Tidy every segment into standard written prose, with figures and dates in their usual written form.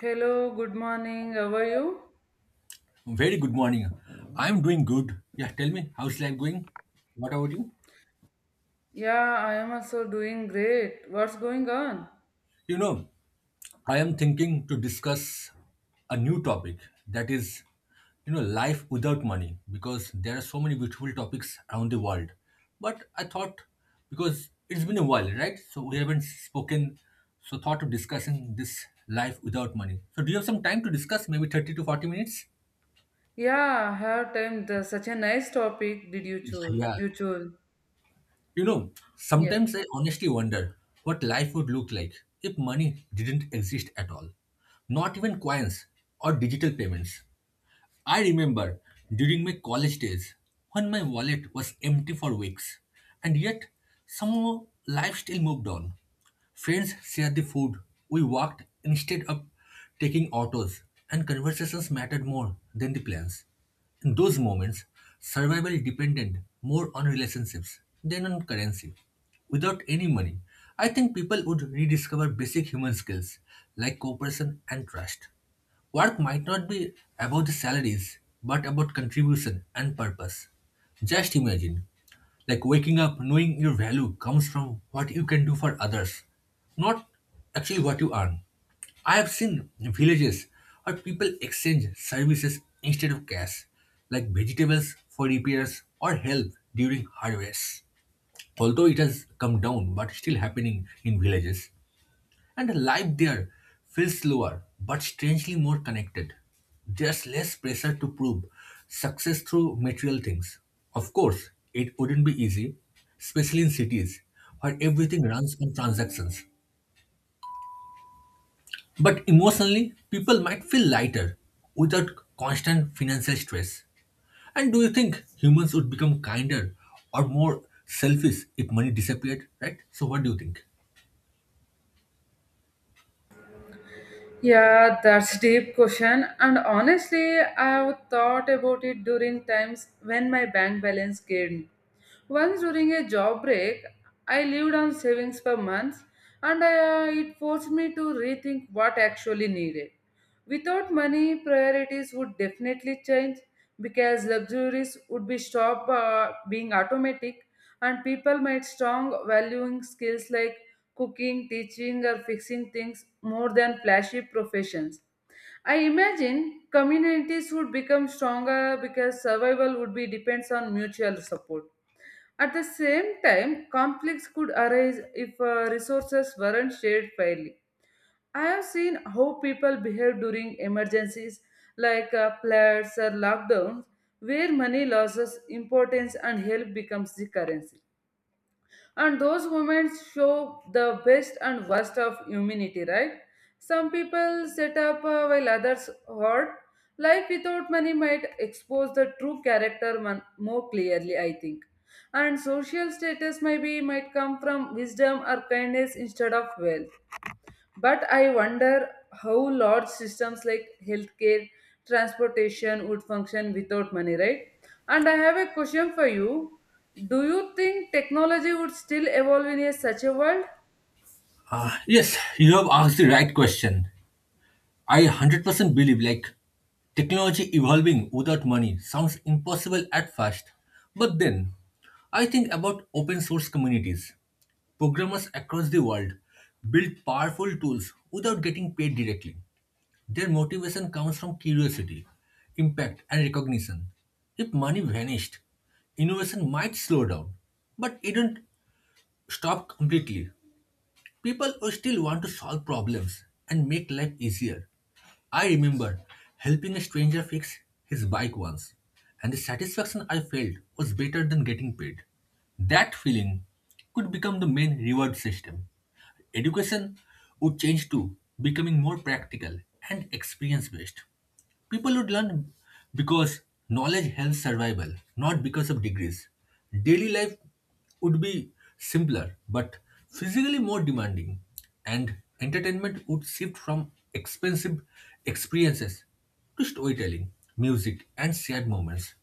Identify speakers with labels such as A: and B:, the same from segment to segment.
A: Hello, good morning. How are you?
B: Very good morning. I'm doing good. Yeah, tell me, how's life going? What about you?
A: Yeah, I am also doing great. What's going on?
B: You know, I am thinking to discuss a new topic that is, life without money because there are so many beautiful topics around the world. But I thought because it's been a while, right? So we haven't spoken. So thought of discussing this life without money. So do you have some time to discuss? Maybe 30 to 40 minutes?
A: Yeah, I have time. Such a nice topic did you choose?
B: Yeah,
A: You choose.
B: You know,
A: Yeah.
B: sometimes I honestly wonder what life would look like if money didn't exist at all. Not even coins or digital payments. I remember during my college days when my wallet was empty for weeks, and yet somehow life still moved on. Friends shared the food, we walked instead of taking autos, and conversations mattered more than the plans. In those moments, survival depended more on relationships than on currency. Without any money, I think people would rediscover basic human skills like cooperation and trust. Work might not be about the salaries, but about contribution and purpose. Just imagine, like waking up knowing your value comes from what you can do for others, not actually what you earn. I have seen villages where people exchange services instead of cash, like vegetables for repairs or help during harvest. Although it has come down, but still happening in villages. And life there feels slower, but strangely more connected. There's less pressure to prove success through material things. Of course, it wouldn't be easy, especially in cities where everything runs on transactions. But emotionally, people might feel lighter without constant financial stress. And do you think humans would become kinder or more selfish if money disappeared, right? So, what do you think?
A: Yeah, that's a deep question. And honestly, I've thought about it during times when my bank balance gained. Once during a job break, I lived on savings for months, and it forced me to rethink what actually needed. Without money, priorities would definitely change because luxuries would be stop being automatic, and people might strong valuing skills like cooking, teaching, or fixing things more than flashy professions. I imagine communities would become stronger because survival would be depends on mutual support. At the same time, conflicts could arise if resources weren't shared fairly. I have seen how people behave during emergencies like floods or lockdowns, where money loses importance and help becomes the currency, and those moments show the best and worst of humanity, right? Some people set up while others hoard. Life without money might expose the true character more clearly, I think. And social status maybe might come from wisdom or kindness instead of wealth, but I wonder how large systems like healthcare, transportation would function without money, right? And I have a question for you. Do you think technology would still evolve in a such a world?
B: Yes, you have asked the right question. I 100% believe like technology evolving without money sounds impossible at first. But then I think about open source communities. Programmers across the world build powerful tools without getting paid directly. Their motivation comes from curiosity, impact, and recognition. If money vanished, innovation might slow down, but it don't stop completely. People will still want to solve problems and make life easier. I remember helping a stranger fix his bike once, and the satisfaction I felt was better than getting paid. That feeling could become the main reward system. Education would change too, becoming more practical and experience based. People would learn because knowledge helps survival, not because of degrees. Daily life would be simpler, but physically more demanding, and entertainment would shift from expensive experiences to storytelling, music, and shared moments.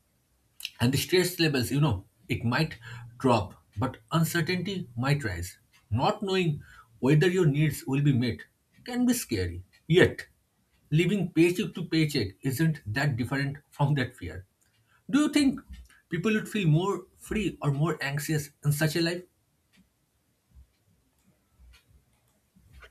B: And the stress levels, it might drop, but uncertainty might rise. Not knowing whether your needs will be met can be scary. Yet, living paycheck to paycheck isn't that different from that fear. Do you think people would feel more free or more anxious in such a life?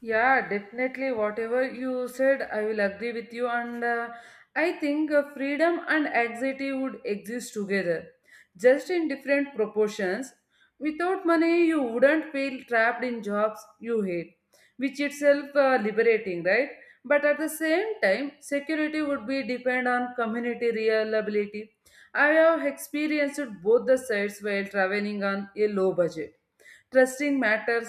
A: Yeah, definitely. Whatever you said, I will agree with you. And I think freedom and anxiety would exist together, just in different proportions. Without money, you wouldn't feel trapped in jobs you hate, which itself liberating, right? But at the same time, security would be depend on community reliability. I have experienced both the sides while traveling on a low budget. Trusting matters,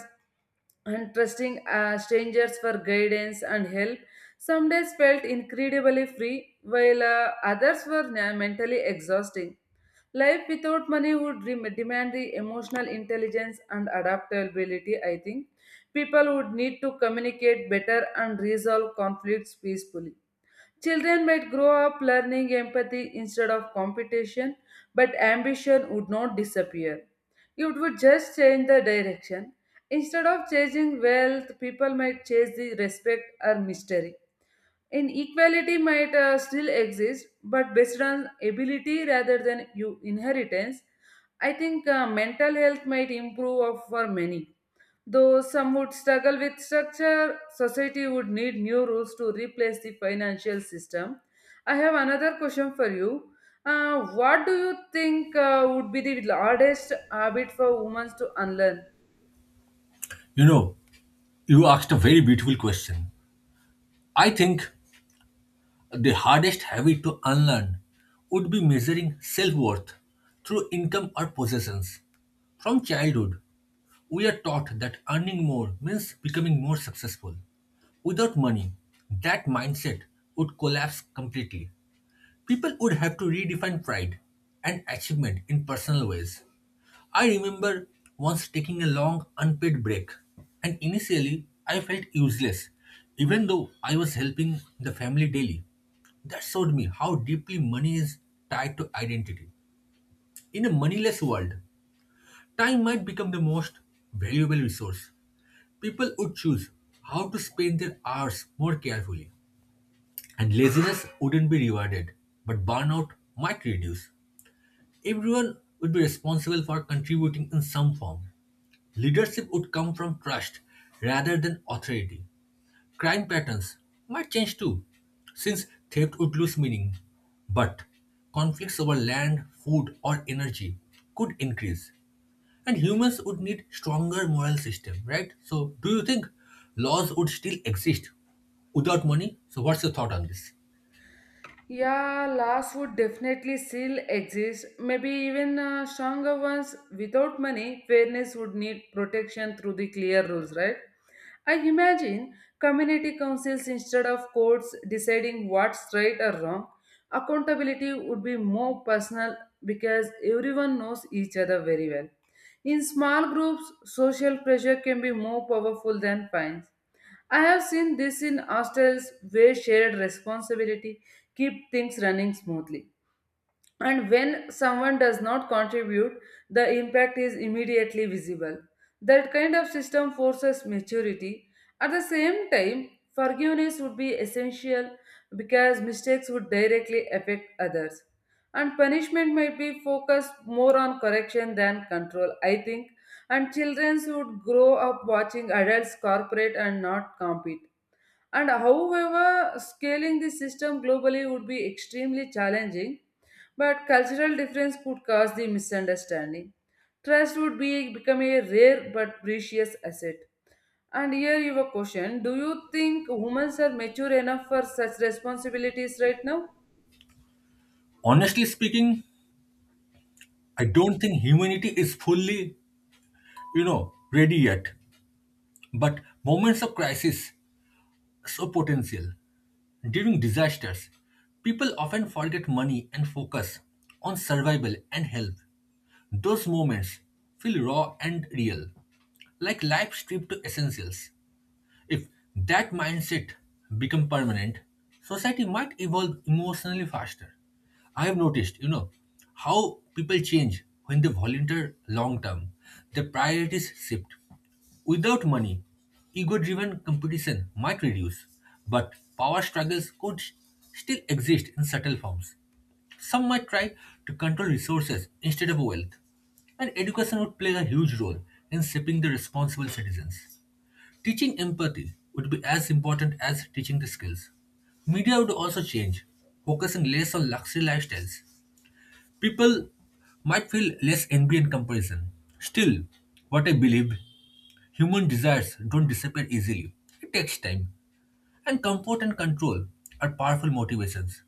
A: and trusting strangers for guidance and help. Some days felt incredibly free, while others were mentally exhausting. Life without money would demand the emotional intelligence and adaptability, I think. People would need to communicate better and resolve conflicts peacefully. Children might grow up learning empathy instead of competition, but ambition would not disappear. It would just change the direction. Instead of chasing wealth, people might chase the respect or mystery. Inequality might still exist, but based on ability rather than you inheritance. I think mental health might improve for many. Though some would struggle with structure, society would need new rules to replace the financial system. I have another question for you. What do you think would be the hardest habit for women to unlearn?
B: You know, you asked a very beautiful question. I think the hardest habit to unlearn would be measuring self worth through income or possessions. From childhood, we are taught that earning more means becoming more successful. Without money, that mindset would collapse completely. People would have to redefine pride and achievement in personal ways. I remember once taking a long unpaid break, and initially I felt useless, even though I was helping the family daily. That showed me how deeply money is tied to identity. In a moneyless world, time might become the most valuable resource. People would choose how to spend their hours more carefully, and laziness wouldn't be rewarded, but burnout might reduce. Everyone would be responsible for contributing in some form. Leadership would come from trust rather than authority. Crime patterns might change too, since theft would lose meaning. But conflicts over land, food, or energy could increase. And humans would need stronger moral system, right? So do you think laws would still exist without money? So what's your thought on this?
A: Yeah, laws would definitely still exist. Maybe even stronger ones. Without money, fairness would need protection through the clear rules, right? I imagine community councils instead of courts deciding what's right or wrong. Accountability would be more personal because everyone knows each other very well. In small groups, social pressure can be more powerful than fines. I have seen this in hostels where shared responsibility keep things running smoothly. And when someone does not contribute, the impact is immediately visible. That kind of system forces maturity. At the same time, forgiveness would be essential because mistakes would directly affect others. And punishment might be focused more on correction than control, I think. And children would grow up watching adults cooperate and not compete, and however, scaling this system globally would be extremely challenging, but cultural difference could cause the misunderstanding. Trust would be become a rare but precious asset. And here you have a question. Do you think women are mature enough for such responsibilities right now?
B: Honestly speaking, I don't think humanity is fully, ready yet. But moments of crisis are so potential. During disasters, people often forget money and focus on survival and health. Those moments feel raw and real, like life stripped to essentials. If that mindset become permanent, society might evolve emotionally faster. I have noticed, how people change when they volunteer long term. Their priorities shift. Without money, ego driven competition might reduce, but power struggles could still exist in subtle forms. Some might try to control resources instead of wealth, and education would play a huge role in shaping the responsible citizens. Teaching empathy would be as important as teaching the skills. Media would also change, focusing less on luxury lifestyles. People might feel less envy and comparison. Still, what I believe, human desires don't disappear easily. It takes time, and comfort and control are powerful motivations.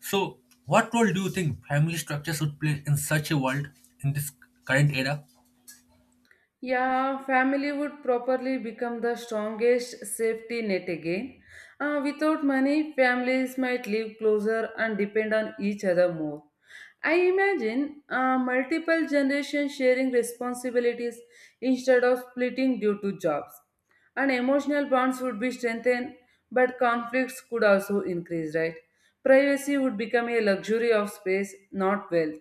B: So, what role do you think family structures would play in such a world in this current era?
A: Yeah, family would properly become the strongest safety net again. Without money, families might live closer and depend on each other more. I imagine multiple generations sharing responsibilities instead of splitting due to jobs. And emotional bonds would be strengthened, but conflicts could also increase, right? Privacy would become a luxury of space, not wealth.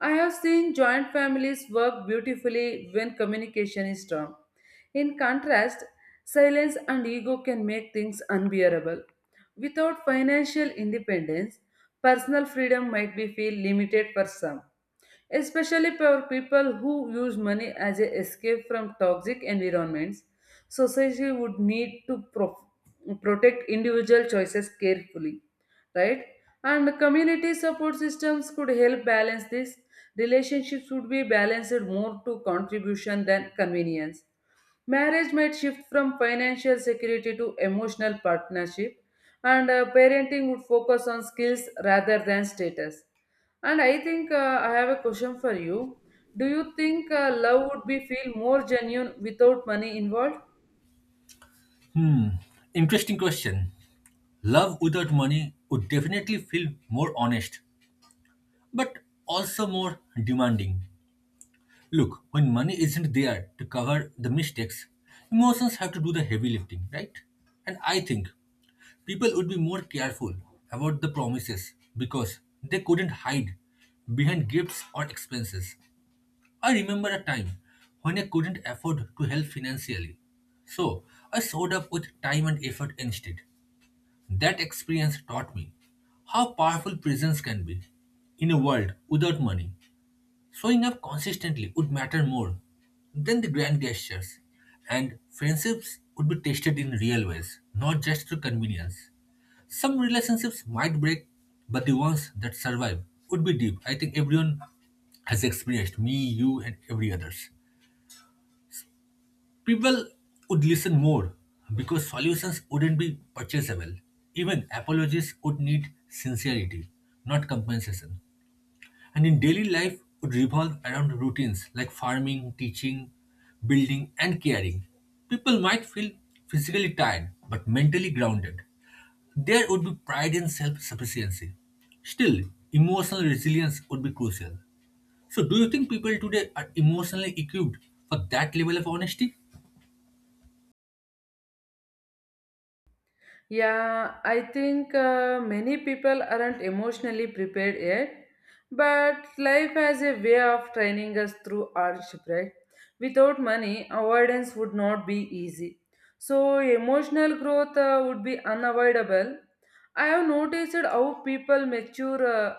A: I have seen joint families work beautifully when communication is strong. In contrast, silence and ego can make things unbearable. Without financial independence, personal freedom might be feel limited for some, especially for people who use money as an escape from toxic environments. Society would need to protect individual choices carefully, right? And community support systems could help balance this. Relationships would be balanced more to contribution than convenience. Marriage might shift from financial security to emotional partnership, and parenting would focus on skills rather than status. And I think I have a question for you. Do you think love would be feel more genuine without money involved?
B: Hmm, interesting question. Love without money would definitely feel more honest but also more demanding. Look, when money isn't there to cover the mistakes, emotions have to do the heavy lifting, right? And I think people would be more careful about the promises because they couldn't hide behind gifts or expenses. I remember a time when I couldn't afford to help financially. So I showed up with time and effort instead. That experience taught me how powerful presence can be in a world without money. Showing up consistently would matter more than the grand gestures, and friendships would be tested in real ways, not just through convenience. Some relationships might break, but the ones that survive would be deep. I think everyone has experienced, me, you, and every others. People would listen more because solutions wouldn't be purchasable. Even apologies would need sincerity, not compensation. And in daily life would revolve around routines like farming, teaching, building, and caring. People might feel physically tired but mentally grounded. There would be pride and self sufficiency. Still, emotional resilience would be crucial. So, do you think people today are emotionally equipped for that level of honesty?
A: Yeah, I think many people aren't emotionally prepared yet, but life has a way of training us through hardship, right? Without money, avoidance would not be easy. So, emotional growth would be unavoidable. I have noticed how people mature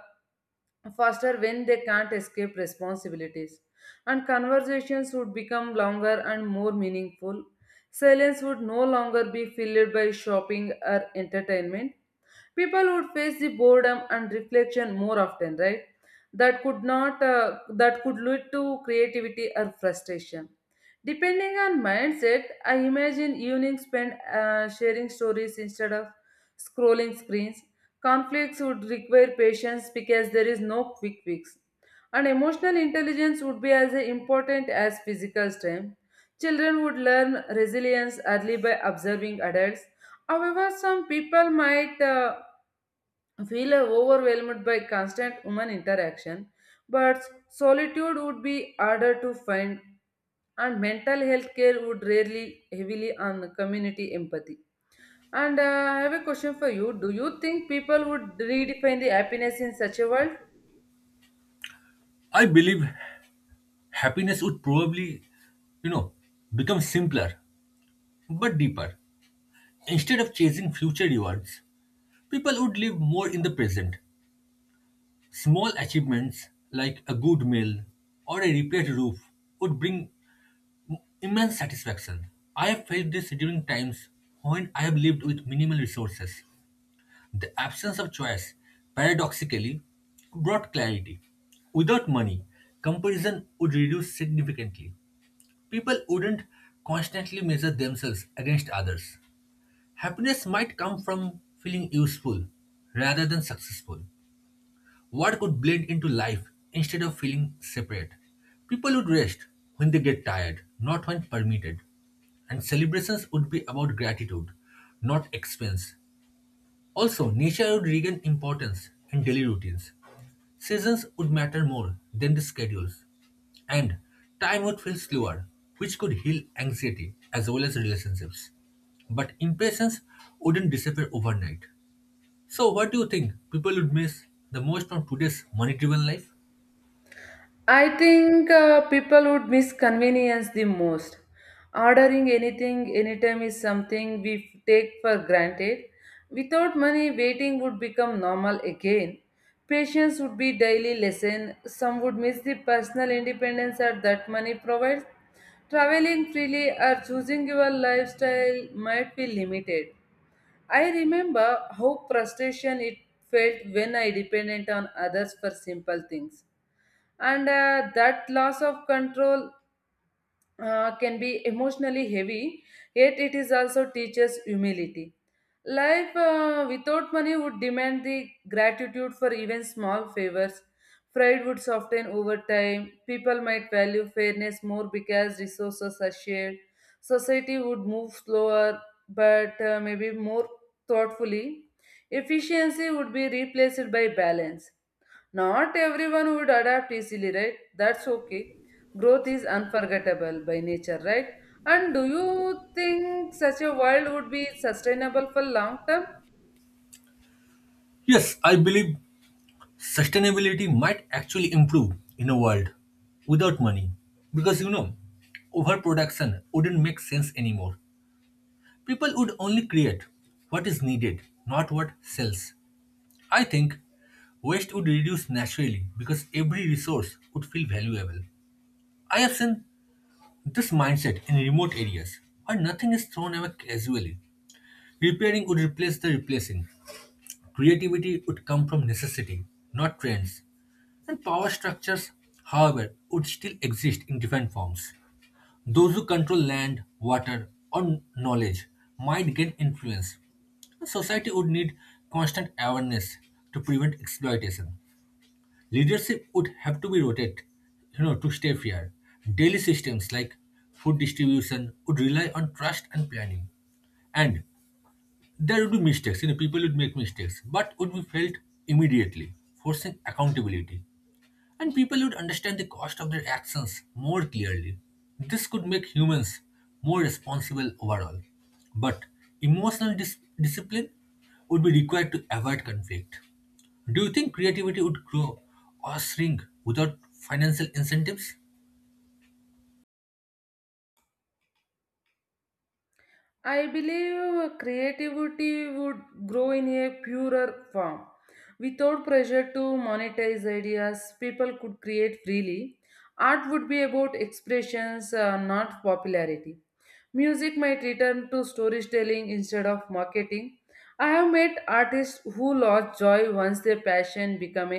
A: faster when they can't escape responsibilities, and conversations would become longer and more meaningful. Silence would no longer be filled by shopping or entertainment. People would face the boredom and reflection more often, right? That could not that could lead to creativity or frustration, depending on mindset. I imagine evenings spent sharing stories instead of scrolling screens. Conflicts would require patience because there is no quick fix, and emotional intelligence would be as important as physical strength. Children would learn resilience early by observing adults. However, some people might feel overwhelmed by constant human interaction, but solitude would be harder to find, and mental health care would rarely heavily on community empathy. And I have a question for you. Do you think people would redefine the happiness in such a world?
B: I believe happiness would probably, you know, become simpler but deeper. Instead of chasing future rewards, people would live more in the present. Small achievements like a good meal or a repaired roof would bring immense satisfaction. I have felt this during times when I have lived with minimal resources. The absence of choice, paradoxically, brought clarity. Without money, comparison would reduce significantly. People wouldn't constantly measure themselves against others. Happiness might come from feeling useful rather than successful. What could blend into life instead of feeling separate? People would rest when they get tired, not when permitted. And celebrations would be about gratitude, not expense. Also, nature would regain importance in daily routines. Seasons would matter more than the schedules. And time would feel slower, which could heal anxiety as well as relationships. But impatience wouldn't disappear overnight. So, what do you think people would miss the most from today's money driven life?
A: I think people would miss convenience the most. Ordering anything anytime is something we take for granted. Without money, waiting would become normal again. Patience would be daily lesson. Some would miss the personal independence that money provides. Traveling freely or choosing your lifestyle might be limited. I remember how frustration it felt when I depended on others for simple things, and that loss of control can be emotionally heavy, yet it is also teaches humility. Life without money would demand the gratitude for even small favors. Pride would soften over time. People might value fairness more because resources are shared. Society would move slower, but maybe more thoughtfully. Efficiency would be replaced by balance. Not everyone would adapt easily, right? That's okay. Growth is unforgettable by nature, right? And do you think such a world would be sustainable for long term?
B: Yes, I believe sustainability might actually improve in a world without money. Because overproduction wouldn't make sense anymore. People would only create what is needed, not what sells. I think waste would reduce naturally because every resource would feel valuable. I have seen this mindset in remote areas where nothing is thrown away casually. Repairing would replace the replacing. Creativity would come from necessity, not trends. And power structures, however, would still exist in different forms. Those who control land, water, or knowledge might gain influence. A society would need constant awareness to prevent exploitation. Leadership would have to be rotated, to stay fair. Daily systems like food distribution would rely on trust and planning. And there would be mistakes, people would make mistakes, but would be felt immediately, forcing accountability. And people would understand the cost of their actions more clearly. This could make humans more responsible overall. But emotional discipline would be required to avoid conflict. Do you think creativity would grow or shrink without financial incentives?
A: I believe creativity would grow in a purer form. Without pressure to monetize ideas, people could create freely. Art would be about expressions, not popularity. Music might return to storytelling instead of marketing. I have met artists who lost joy once their passion became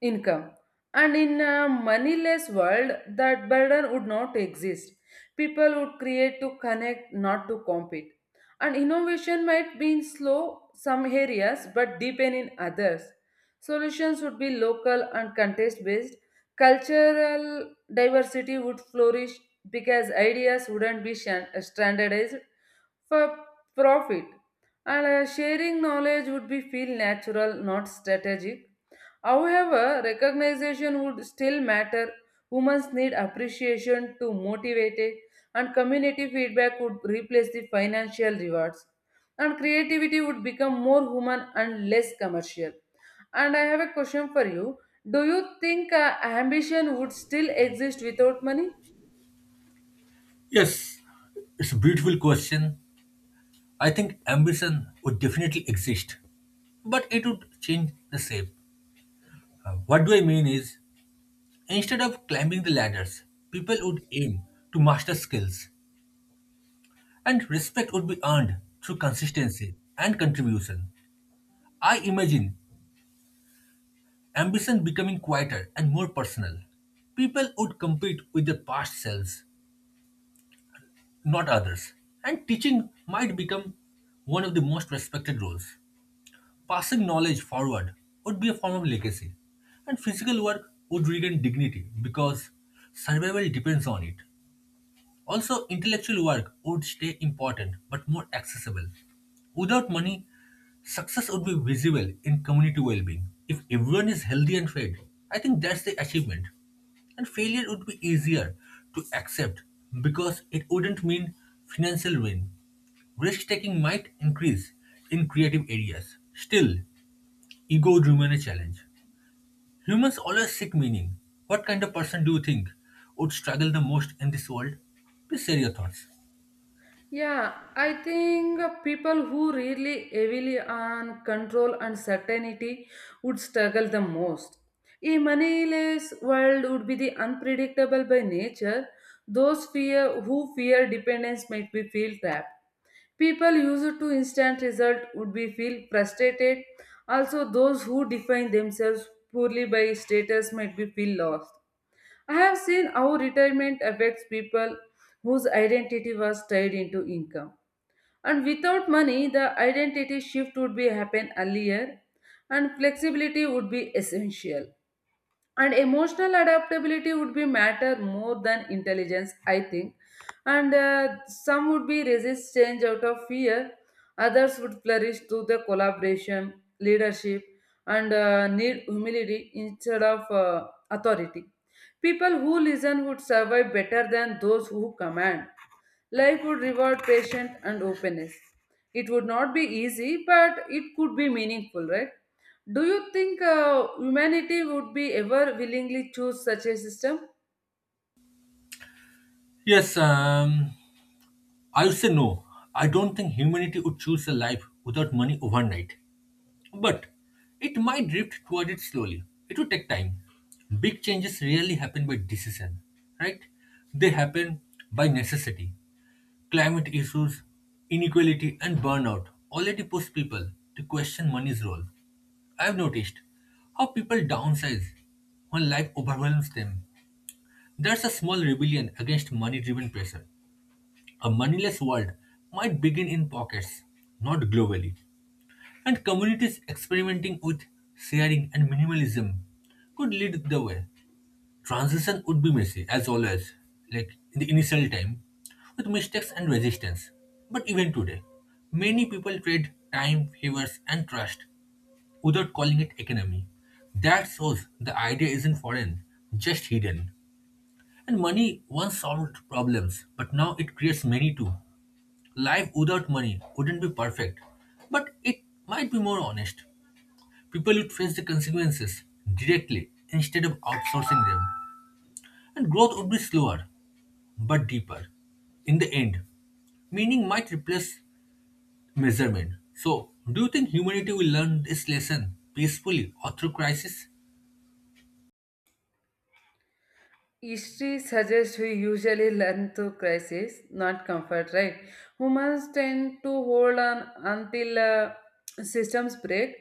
A: income. And in a moneyless world, that burden would not exist. People would create to connect, not to compete. And innovation might be in slow some areas but deepen in others. Solutions would be local and contest based. Cultural diversity would flourish because ideas wouldn't be standardized for profit. And sharing knowledge would be feel natural, not strategic. However, recognition would still matter. Humans need appreciation to motivate it, and community feedback would replace the financial rewards. And creativity would become more human and less commercial. And I have a question for you. Do you think ambition would still exist without money?
B: Yes, it's a beautiful question. I think ambition would definitely exist, but it would change the shape. What do I mean is, instead of climbing the ladders, people would aim to master skills, and respect would be earned through consistency and contribution. I imagine ambition becoming quieter and more personal. People would compete with their past selves, not others, and teaching might become one of the most respected roles. Passing knowledge forward would be a form of legacy, and physical work would regain dignity because survival depends on it. Also, intellectual work would stay important but more accessible. Without money, success would be visible in community well being. If everyone is healthy and fed, I think that's the achievement. And failure would be easier to accept because it wouldn't mean financial ruin. Risk taking might increase in creative areas. Still, ego remain a challenge. Humans always seek meaning. What kind of person do you think would struggle the most in this world? Please share your thoughts.
A: Yeah, I think people who really heavily on control and certainty would struggle the most. A moneyless world would be the unpredictable by nature. Those fear who fear dependence might be feel trapped. People used to instant result would be feel frustrated. Also, those who define themselves poorly by status might be feel lost. I have seen how retirement affects people whose identity was tied into income, and without money the identity shift would be happen earlier, and flexibility would be essential, and emotional adaptability would be matter more than intelligence, I think. And some would be resist change out of fear, others would flourish through the collaboration. Leadership and need humility instead of authority. People who listen would survive better than those who command. Life would reward patience and openness. It would not be easy, but it could be meaningful, right? Do you think humanity would be ever willingly choose such a system?
B: Yes, I would say no. I don't think humanity would choose a life without money overnight. But it might drift toward it slowly. It would take time. Big changes rarely happen by decision, right? They happen by necessity. Climate issues, inequality, and burnout already push people to question money's role. I've noticed how people downsize when life overwhelms them. There's a small rebellion against money driven pressure. A moneyless world might begin in pockets, not globally. And communities experimenting with sharing and minimalism could lead the way. Transition would be messy, as always, like in the initial time, with mistakes and resistance. But even today, many people trade time, favors, and trust without calling it economy. That shows the idea isn't foreign, just hidden. And money once solved problems, but now it creates many too. Life without money wouldn't be perfect, but it might be more honest. People would face the consequences directly instead of outsourcing them, and growth would be slower but deeper in the end. Meaning might replace measurement. So, do you think humanity will learn this lesson peacefully or through crisis?
A: History suggests we usually learn through crisis, not comfort, right? Humans tend to hold on until systems break.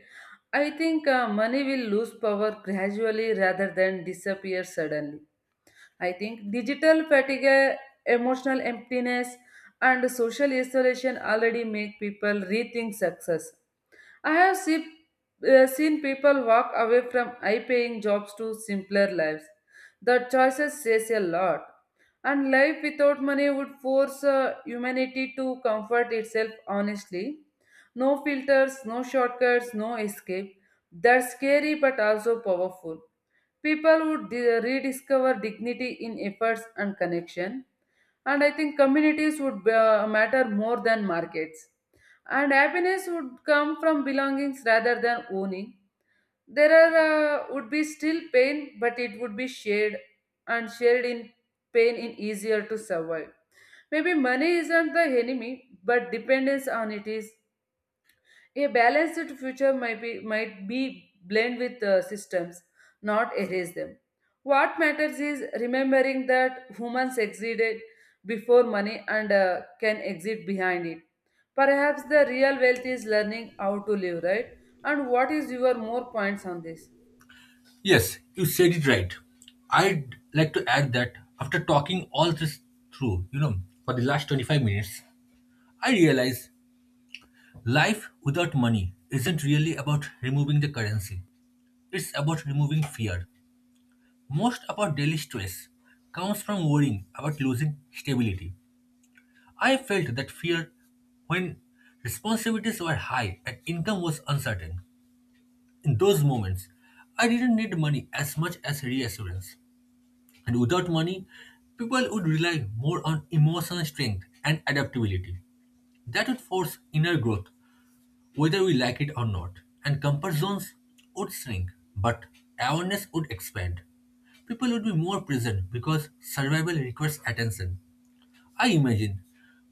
A: I think money will lose power gradually rather than disappear suddenly. I think digital fatigue, emotional emptiness, and social isolation already make people rethink success. I have seen people walk away from high paying jobs to simpler lives. The choices says a lot. And life without money would force humanity to comfort itself honestly. No filters, no shortcuts, no escape. That's scary but also powerful. People would rediscover dignity in efforts and connection. And I think communities would matter more than markets. And happiness would come from belongings rather than owning. There are, would be still pain, but it would be shared, and shared in pain in easier to survive. Maybe money isn't the enemy, but dependence on it is. A balanced future might be blend with systems, not erase them. What matters is remembering that humans existed before money, and can exist behind it. Perhaps the real wealth is learning how to live right. And what is your more points on this?
B: Yes, you said it right. I'd like to add that after talking all this through, for the last 25 minutes, I realize life without money isn't really about removing the currency, it's about removing fear. Most of our daily stress comes from worrying about losing stability. I felt that fear when responsibilities were high and income was uncertain. In those moments, I didn't need money as much as reassurance. And without money, people would rely more on emotional strength and adaptability. That would force inner growth, whether we like it or not. And comfort zones would shrink, but awareness would expand. People would be more present because survival requires attention. I imagine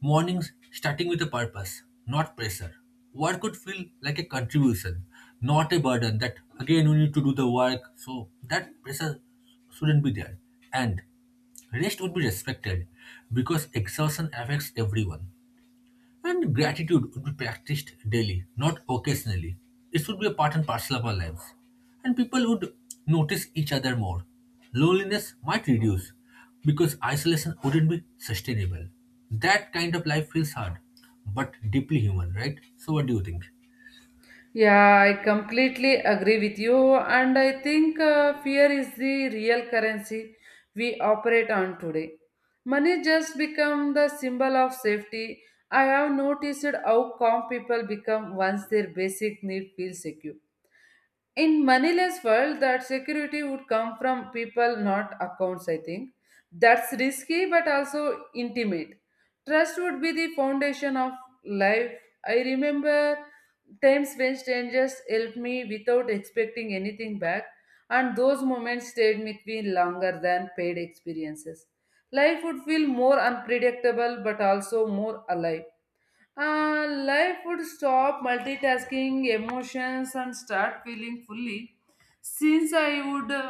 B: mornings starting with a purpose, not pressure. Work would feel like a contribution, not a burden that again we need to do the work, so that pressure shouldn't be there. And rest would be respected because exhaustion affects everyone and gratitude would be practiced daily, not occasionally. It should be a part and parcel of our lives. And people would notice each other more. Loneliness might reduce because isolation wouldn't be sustainable. That kind of life feels hard, but deeply human, right? So, what do you think?
A: Yeah, I completely agree with you, and I think fear is the real currency we operate on today. Money just become the symbol of safety. I have noticed how calm people become once their basic need feels secure. In manila's world, that security would come from people, not accounts, I think. That's risky but also intimate. Trust would be the foundation of life. I remember times when strangers helped me without expecting anything back, and those moments stayed with me longer than paid experiences. Life would feel more unpredictable but also more alive. Uh, life would stop multitasking emotions and start feeling fully, since I would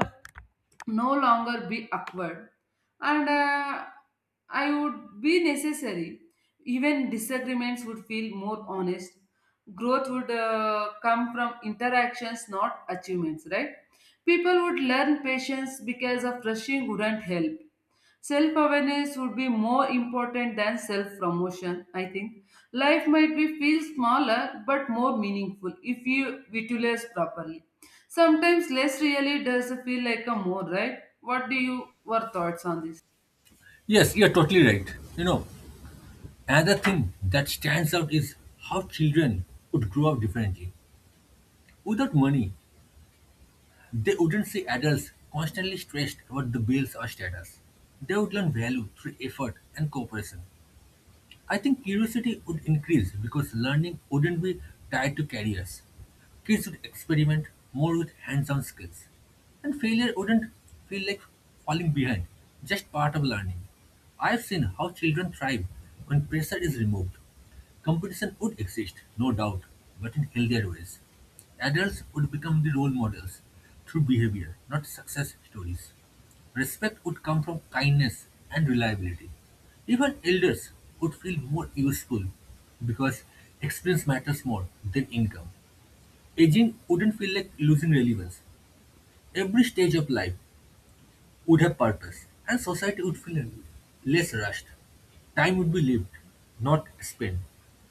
A: no longer be awkward and I would be necessary. Even disagreements would feel more honest. Growth would come from interactions, not achievements, right? People would learn patience because of rushing wouldn't help. Self awareness would be more important than self promotion, I think. Life might be feel smaller but more meaningful if you utilize properly. Sometimes less really does feel like a more, right? What do you, your thoughts on this?
B: Yes, you're totally right. You know, another thing that stands out is how children would grow up differently. Without money, they wouldn't see adults constantly stressed about the bills or status. They would learn value through effort and cooperation. I think curiosity would increase because learning wouldn't be tied to careers. Kids would experiment more with hands on skills. And failure wouldn't feel like falling behind, just part of learning. I've seen how children thrive when pressure is removed. Competition would exist, no doubt, but in healthier ways. Adults would become the role models through behavior, not success stories. Respect would come from kindness and reliability. Even elders would feel more useful because experience matters more than income. Aging wouldn't feel like losing relevance. Every stage of life would have purpose, and society would feel less rushed. Time would be lived, not spent.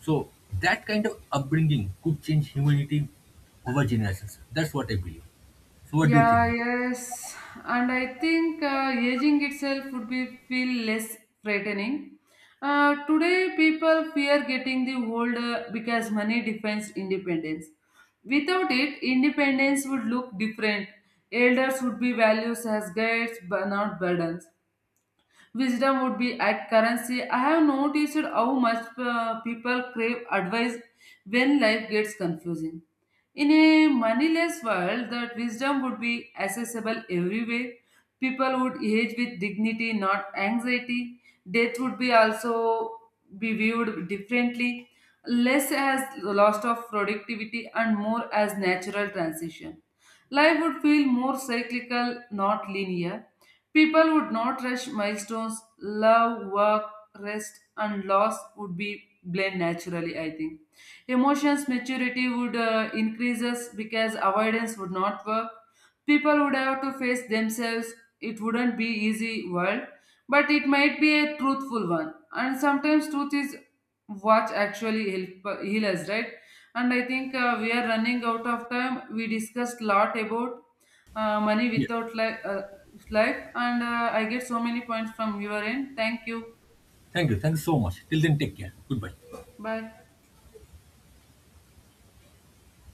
B: So that kind of upbringing could change humanity over generations. That's what I believe. So what do you think?
A: Yeah, yes. And I think aging itself would be feel less frightening. Today, people fear getting the older because money defines independence. Without it, independence would look different. Elders would be values as guides, but not burdens. Wisdom would be at currency. I have noticed how much people crave advice when life gets confusing. In a moneyless world, that wisdom would be accessible everywhere. People would age with dignity, not anxiety. Death would be also be viewed differently, less as loss of productivity and more as natural transition. Life would feel more cyclical, not linear. People would not rush milestones. Love, work, rest, and loss would be blend naturally, I think. Emotions maturity would increases because avoidance would not work. People would have to face themselves. It wouldn't be easy world, but it might be a truthful one. And sometimes truth is what actually help heal us, right? And I think we are running out of time. We discussed lot about money
B: Yeah.
A: without life, life, and I get so many points from your end. Thank you.
B: Thank you. Thank you so much. Till then, take care. Goodbye.
A: Bye.